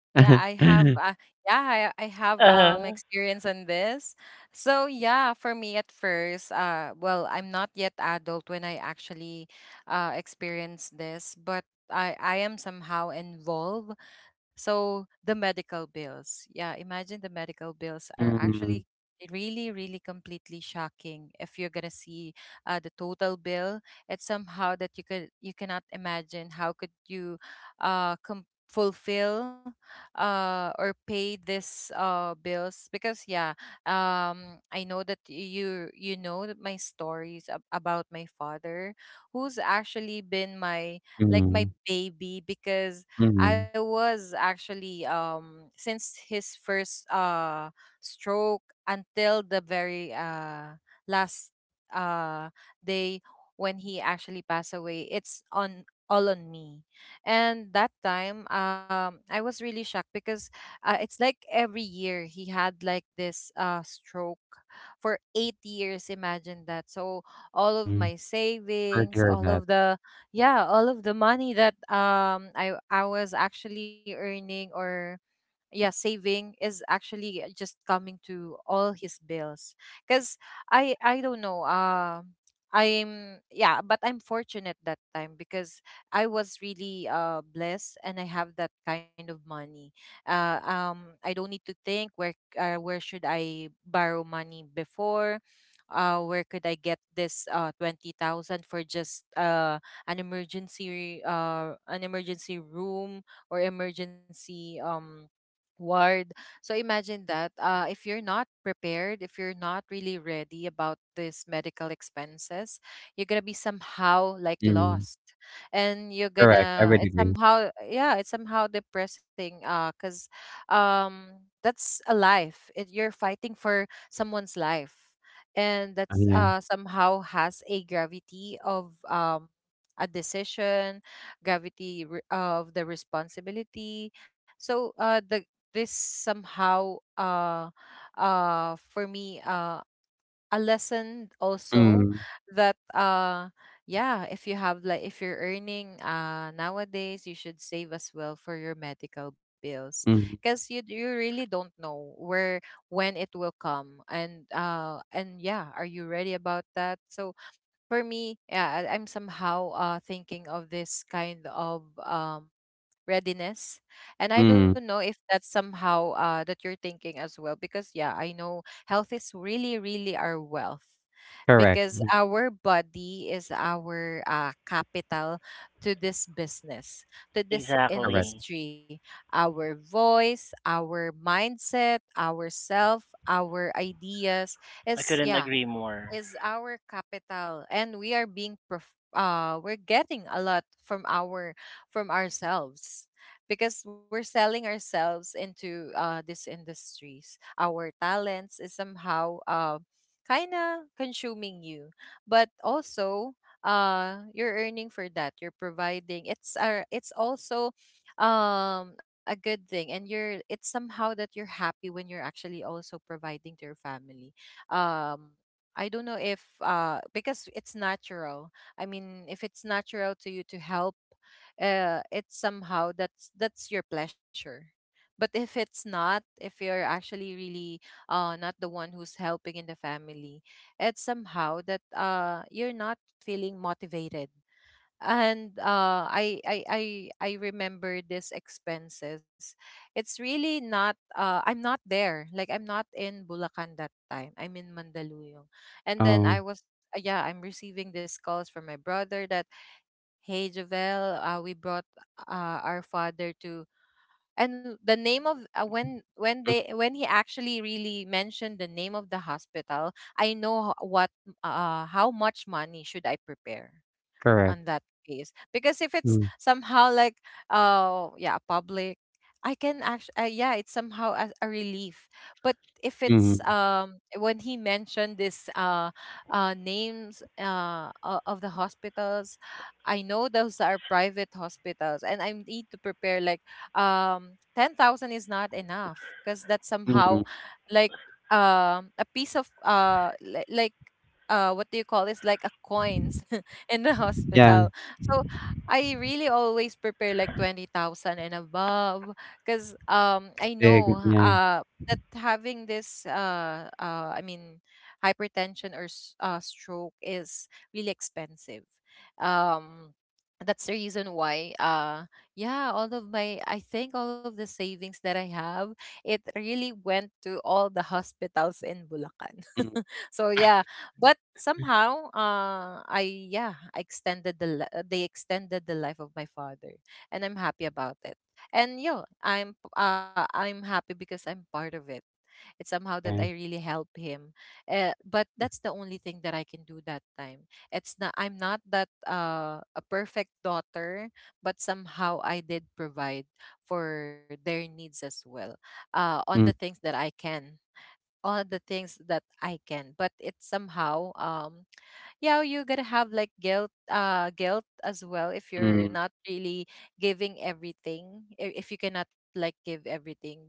Yeah, I have.
Mm.
Yeah, I have
Uh-huh.
experience on this. So yeah, for me at first, well, I'm not yet adult when I actually experienced this, but I am somehow involved. So the medical bills. Yeah, imagine the medical bills are
Mm.
actually really, really, completely shocking if you're gonna see, the total bill. It's somehow that you cannot imagine how could you fulfill or pay this bills, because, yeah, I know that you know that my stories about my father, who's actually been my, like, my
Mm.
baby, because I
Mm.
was actually, since his first stroke, until the very last uh day when he actually passed away, it's on, all on me. And that time, I was really shocked, because, it's like every year he had like this, stroke for 8 years. Imagine that. So all of
Mm.
my
Sorry to
savings,
hear
all
that.
of all of the money that, I was actually earning or, yeah, saving is actually just coming to all his bills, because I don't know. I'm yeah But I'm fortunate that time, because I was really, blessed, and I have that kind of money. I don't need to think where, where should I borrow money before, where could I get this 20,000 for just an emergency, an emergency room, or emergency, ward. So imagine that, if you're not prepared, if you're not really ready about this medical expenses, you're gonna be somehow like
Mm-hmm.
lost, and you're
Correct, I
gonna
would agree.
it's somehow depressing. Cause, that's a life. You're fighting for someone's life, and
Oh,
that's
yeah.
somehow has a gravity of, a decision, of the responsibility, so, the this somehow, for me, a lesson also,
Mm.
that yeah, if you have like, if you're earning, nowadays, you should save as well for your medical bills,
Mm.
because you really don't know where, when it will come, and, yeah, are you ready about that? So for me, yeah, I'm somehow, thinking of this kind of, readiness. And I
Mm.
don't know if that's somehow, that you're thinking as well, because, yeah, I know health is really, really our wealth,
Correct.
because
Mm.
our body is our, capital, to this business, to this
Correct.
Exactly.
industry. Our voice, our mindset, our self, our ideas
I
is,
couldn't
yeah,
agree more.
is our capital, and we are we're getting a lot from our, from ourselves, because we're selling ourselves into, these industries. Our talents is somehow, kind of consuming you. But also, you're earning for that, you're providing. It's also, a good thing, and you're it's somehow that you're happy when you're actually also providing to your family. um I don't know if, because it's natural. I mean, if it's natural to you to help, it's somehow that's your pleasure. But if it's not, if you're actually really, not the one who's helping in the family, it's somehow that, you're not feeling motivated. And, I remember these expenses. It's really not. I'm not there. Like, I'm not in Bulacan that time. I'm in Mandaluyong, and
Oh.
then I was, yeah. I'm receiving these calls from my brother that, hey, Javel, we brought our father to. And the name of, when when
Mm.
they when he actually really mentioned the name of the hospital, I know what, how much money should I prepare
Correct.
on that case, because if it's
Mm.
somehow like, yeah, public, I can actually, yeah, it's somehow a relief. But if it's,
Mhm.
when he mentioned this, names, of the hospitals, I know those are private hospitals, and I need to prepare like, 10,000 is not enough, because that's somehow
Mhm.
like, a piece of, like, what do you call this, like a coin in the
Yeah,
hospital. So I really always prepare like 20,000 and above, because, I
that's
know,
big, yeah.
that having this, I mean, hypertension or, stroke is really expensive. Um that's the reason why, yeah, all of my I think all of the savings that I have, it really went to all the hospitals in Bulacan.
Mm.
So yeah, but somehow, I extended the they extended the life of my father, and I'm happy about it. And I'm happy because I'm part of it. It's somehow that I
Yeah.
really help him. But that's the only thing that I can do that time. It's not I'm not that, a perfect daughter, but somehow I did provide for their needs as well, on the things
Mm.
that I can, all the things that I can. But it's somehow, yeah, you gotta have like guilt as well if you're not
Mm.
really giving everything. If you cannot like give everything, but,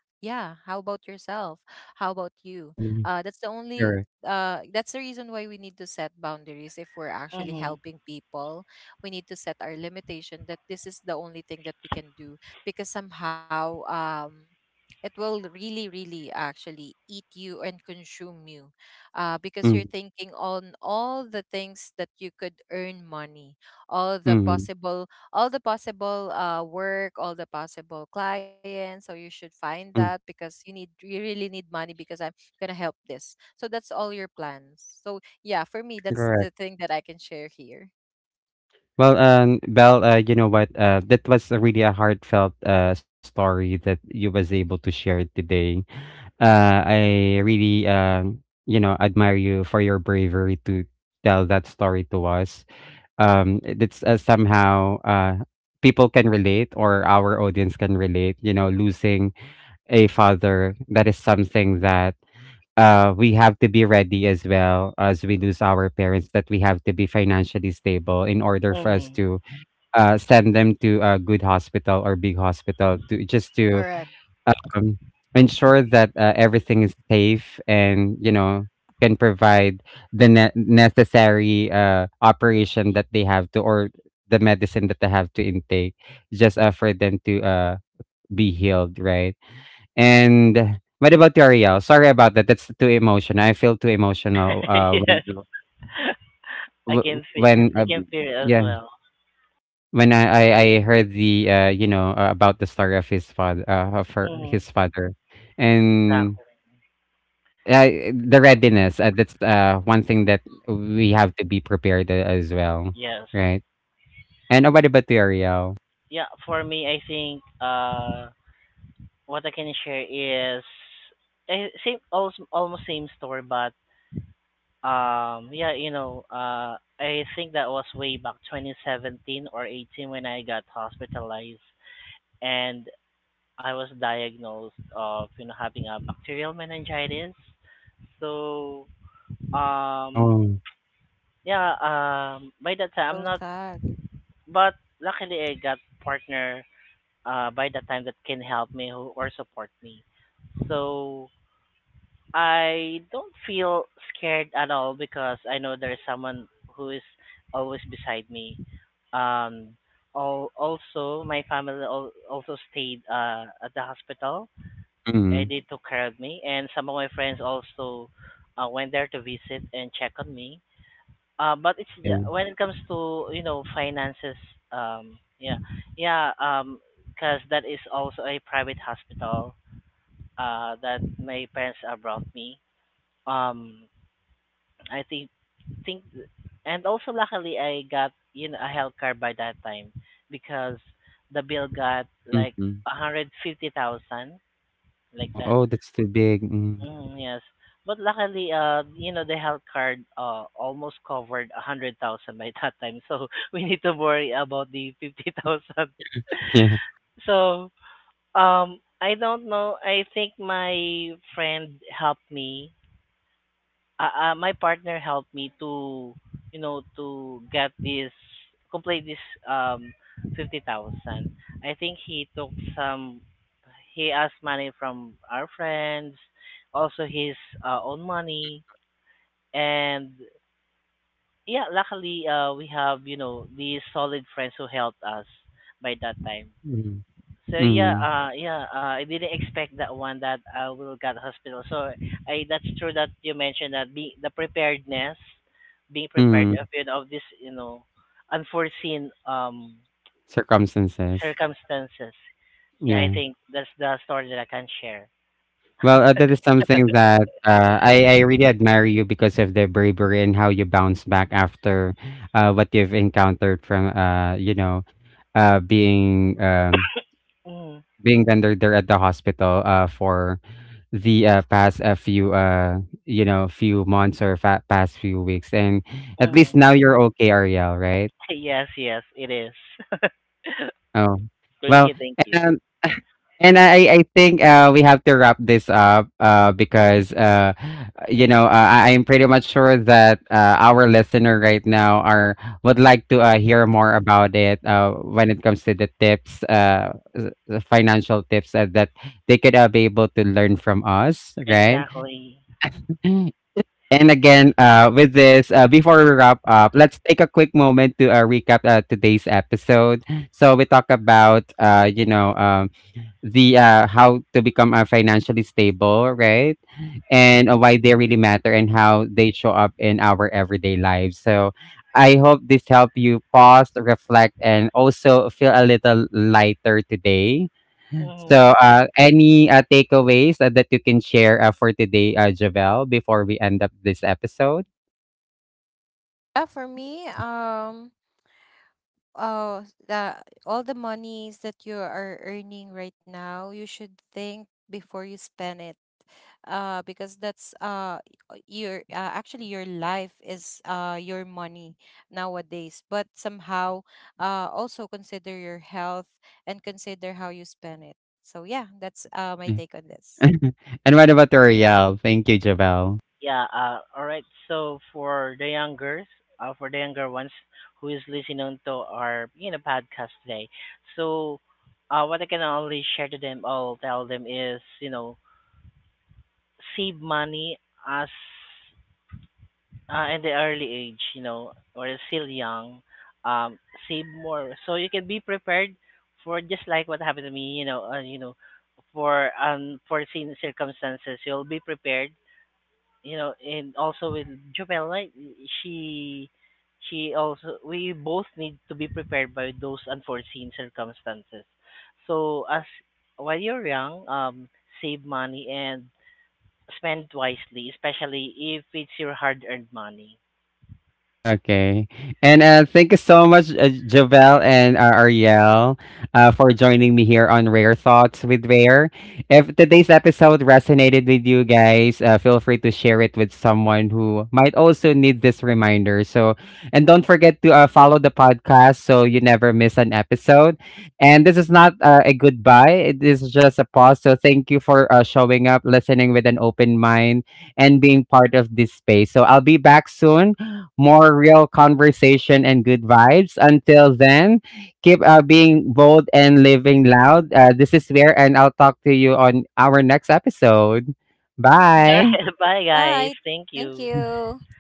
yeah. How about yourself? How about you?
Mhm.
That's the only.
Correct.
That's the reason why we need to set boundaries if we're actually
Mhm.
helping people. We need to set our limitation that this is the only thing that we can do, because somehow, it will really, really actually eat you and consume you, because you're
Mm.
thinking on all the things that you could earn money, all the
Mhm.
possible all the possible, work, all the possible clients. So you should find that
Mm.
because you really need money, because I'm gonna help this. So that's all your plans. So yeah, for me, that's the
Correct.
thing that I can share here.
Well, Belle, you know what? That was a really a heartfelt story that you was able to share today. I really, you know, admire you for your bravery to tell that story to us. It's somehow people can relate, or our audience can relate, you know, losing a father. That is something that we have to be ready as well. As we lose our parents, that we have to be financially stable in order for us
Mhm.
to send them to a good hospital or big hospital, to just to
Correct.
um, ensure that, everything is safe, and, you know, can provide the ne necessary, operation that they have to, or the medicine that they have to intake, just, for them to, be healed, right? And what about you, Ariel? Sorry about that. That's too emotional. I feel too emotional, when
Yes.
you
I
w-
can feel
when,
I
uh,
can feel it as
yeah,
well.
when I heard the, about the story of his father,
Hmm.
his father. And,
Exactly.
The readiness, that's, one thing that we have to be prepared a as well,
Yes.
right? And, what about the Ariel?
Yeah. For me, I think what I can share is, same, almost same story, but yeah, I think that was way back 2017 or 18 when I got hospitalized, and I was diagnosed of having a bacterial meningitis. So um,
Oh.
yeah, by that time I'm
So
not.
sad.
But luckily, I got partner by the time that can help me, who, or support me. So I don't feel scared at all, because I know there's someone who is always beside me. Um, Also, my family also stayed at the hospital, and
Mm.
they took care of me. And some of my friends also went there to visit and check on me. But it's, yeah,
Yeah.
when it comes to finances, yeah, yeah, because that is also a private hospital, that my parents brought me. Um, I think, think, and also luckily I got a health card by that time, because the bill got like
Mhm.
150,000 like
Oh.
that.
Oh, that's too big. Mm.
Mm, yes. But luckily, the health card almost covered 100,000 by that time, so we need to worry about the 50,000.
Yeah.
So, I don't know. I think my friend helped me, my partner helped me to you know to get this complete this um 50,000. I think he took some he asked money from our friends, also his own money. And yeah, luckily, we have, these solid friends who helped us by that time.
Mm.
So yeah,
Mm.
yeah, I didn't expect that one, that I will get hospital. So I that's true that you mentioned that, being prepared
Mm.
of, this, unforeseen
Circumstances.
circumstances. Yeah, I
Yeah.
think that's the story that I can share.
Well, that is something that, I really admire you, because of the bravery and how you bounce back after, what you've encountered from, you know, being,
Mm,
being rendered there at the hospital for the past a few, you know, few months, or past few weeks. And at least
mm.
now you're okay, Ariel, right?
Yes, yes, it is.
Oh.
Thank
Well.
you, thank you.
And. And I think we have to wrap this up, because, you know, I am pretty much sure that our listener right now are would like to hear more about it, when it comes to the tips, the financial tips that they could be able to learn from us, right?
Exactly.
And again, with this, before we wrap up, let's take a quick moment to recap today's episode. So we talk about, the how to become financially stable, right? And why they really matter and how they show up in our everyday lives. So I hope this helped you pause, reflect, and also feel a little lighter today.
Mm-hmm.
So any takeaways that you can share for today, Javel, before we end up this episode?
Yeah, for me, the all the monies that you are earning right now, you should think before you spend it, because your, actually, your life is your money nowadays. But somehow, also consider your health, and consider how you spend it. So yeah, that's my
Mm.
take on this.
And what about L'Oreal? Thank you, Javel.
Yeah, all right. So for the youngers, for the younger ones who is listening to our podcast today, so what I can only share to them, I'll tell them is, save money, as, in the early age, or you're still young, um, save more so you can be prepared, for just like what happened to me, for unforeseen circumstances, you'll be prepared, and also with Jumel, right? She she also We both need to be prepared by those unforeseen circumstances. So as while you're young, save money and spend wisely, especially if it's your hard-earned money.
Okay. And thank you so much, Jovel and Ariel, for joining me here on Rare Thoughts with Rare. If today's episode resonated with you guys, feel free to share it with someone who might also need this reminder. So, and don't forget to follow the podcast so you never miss an episode. And this is not a goodbye, this is just a pause. So, thank you for showing up, listening with an open mind, and being part of this space. So, I'll be back soon, more real conversation and good vibes. Until then, keep being bold and living loud. This is where, and I'll talk to you on our next episode.
All
Bye.
right, bye guys.
Right.
Thank
Thank
you.
you.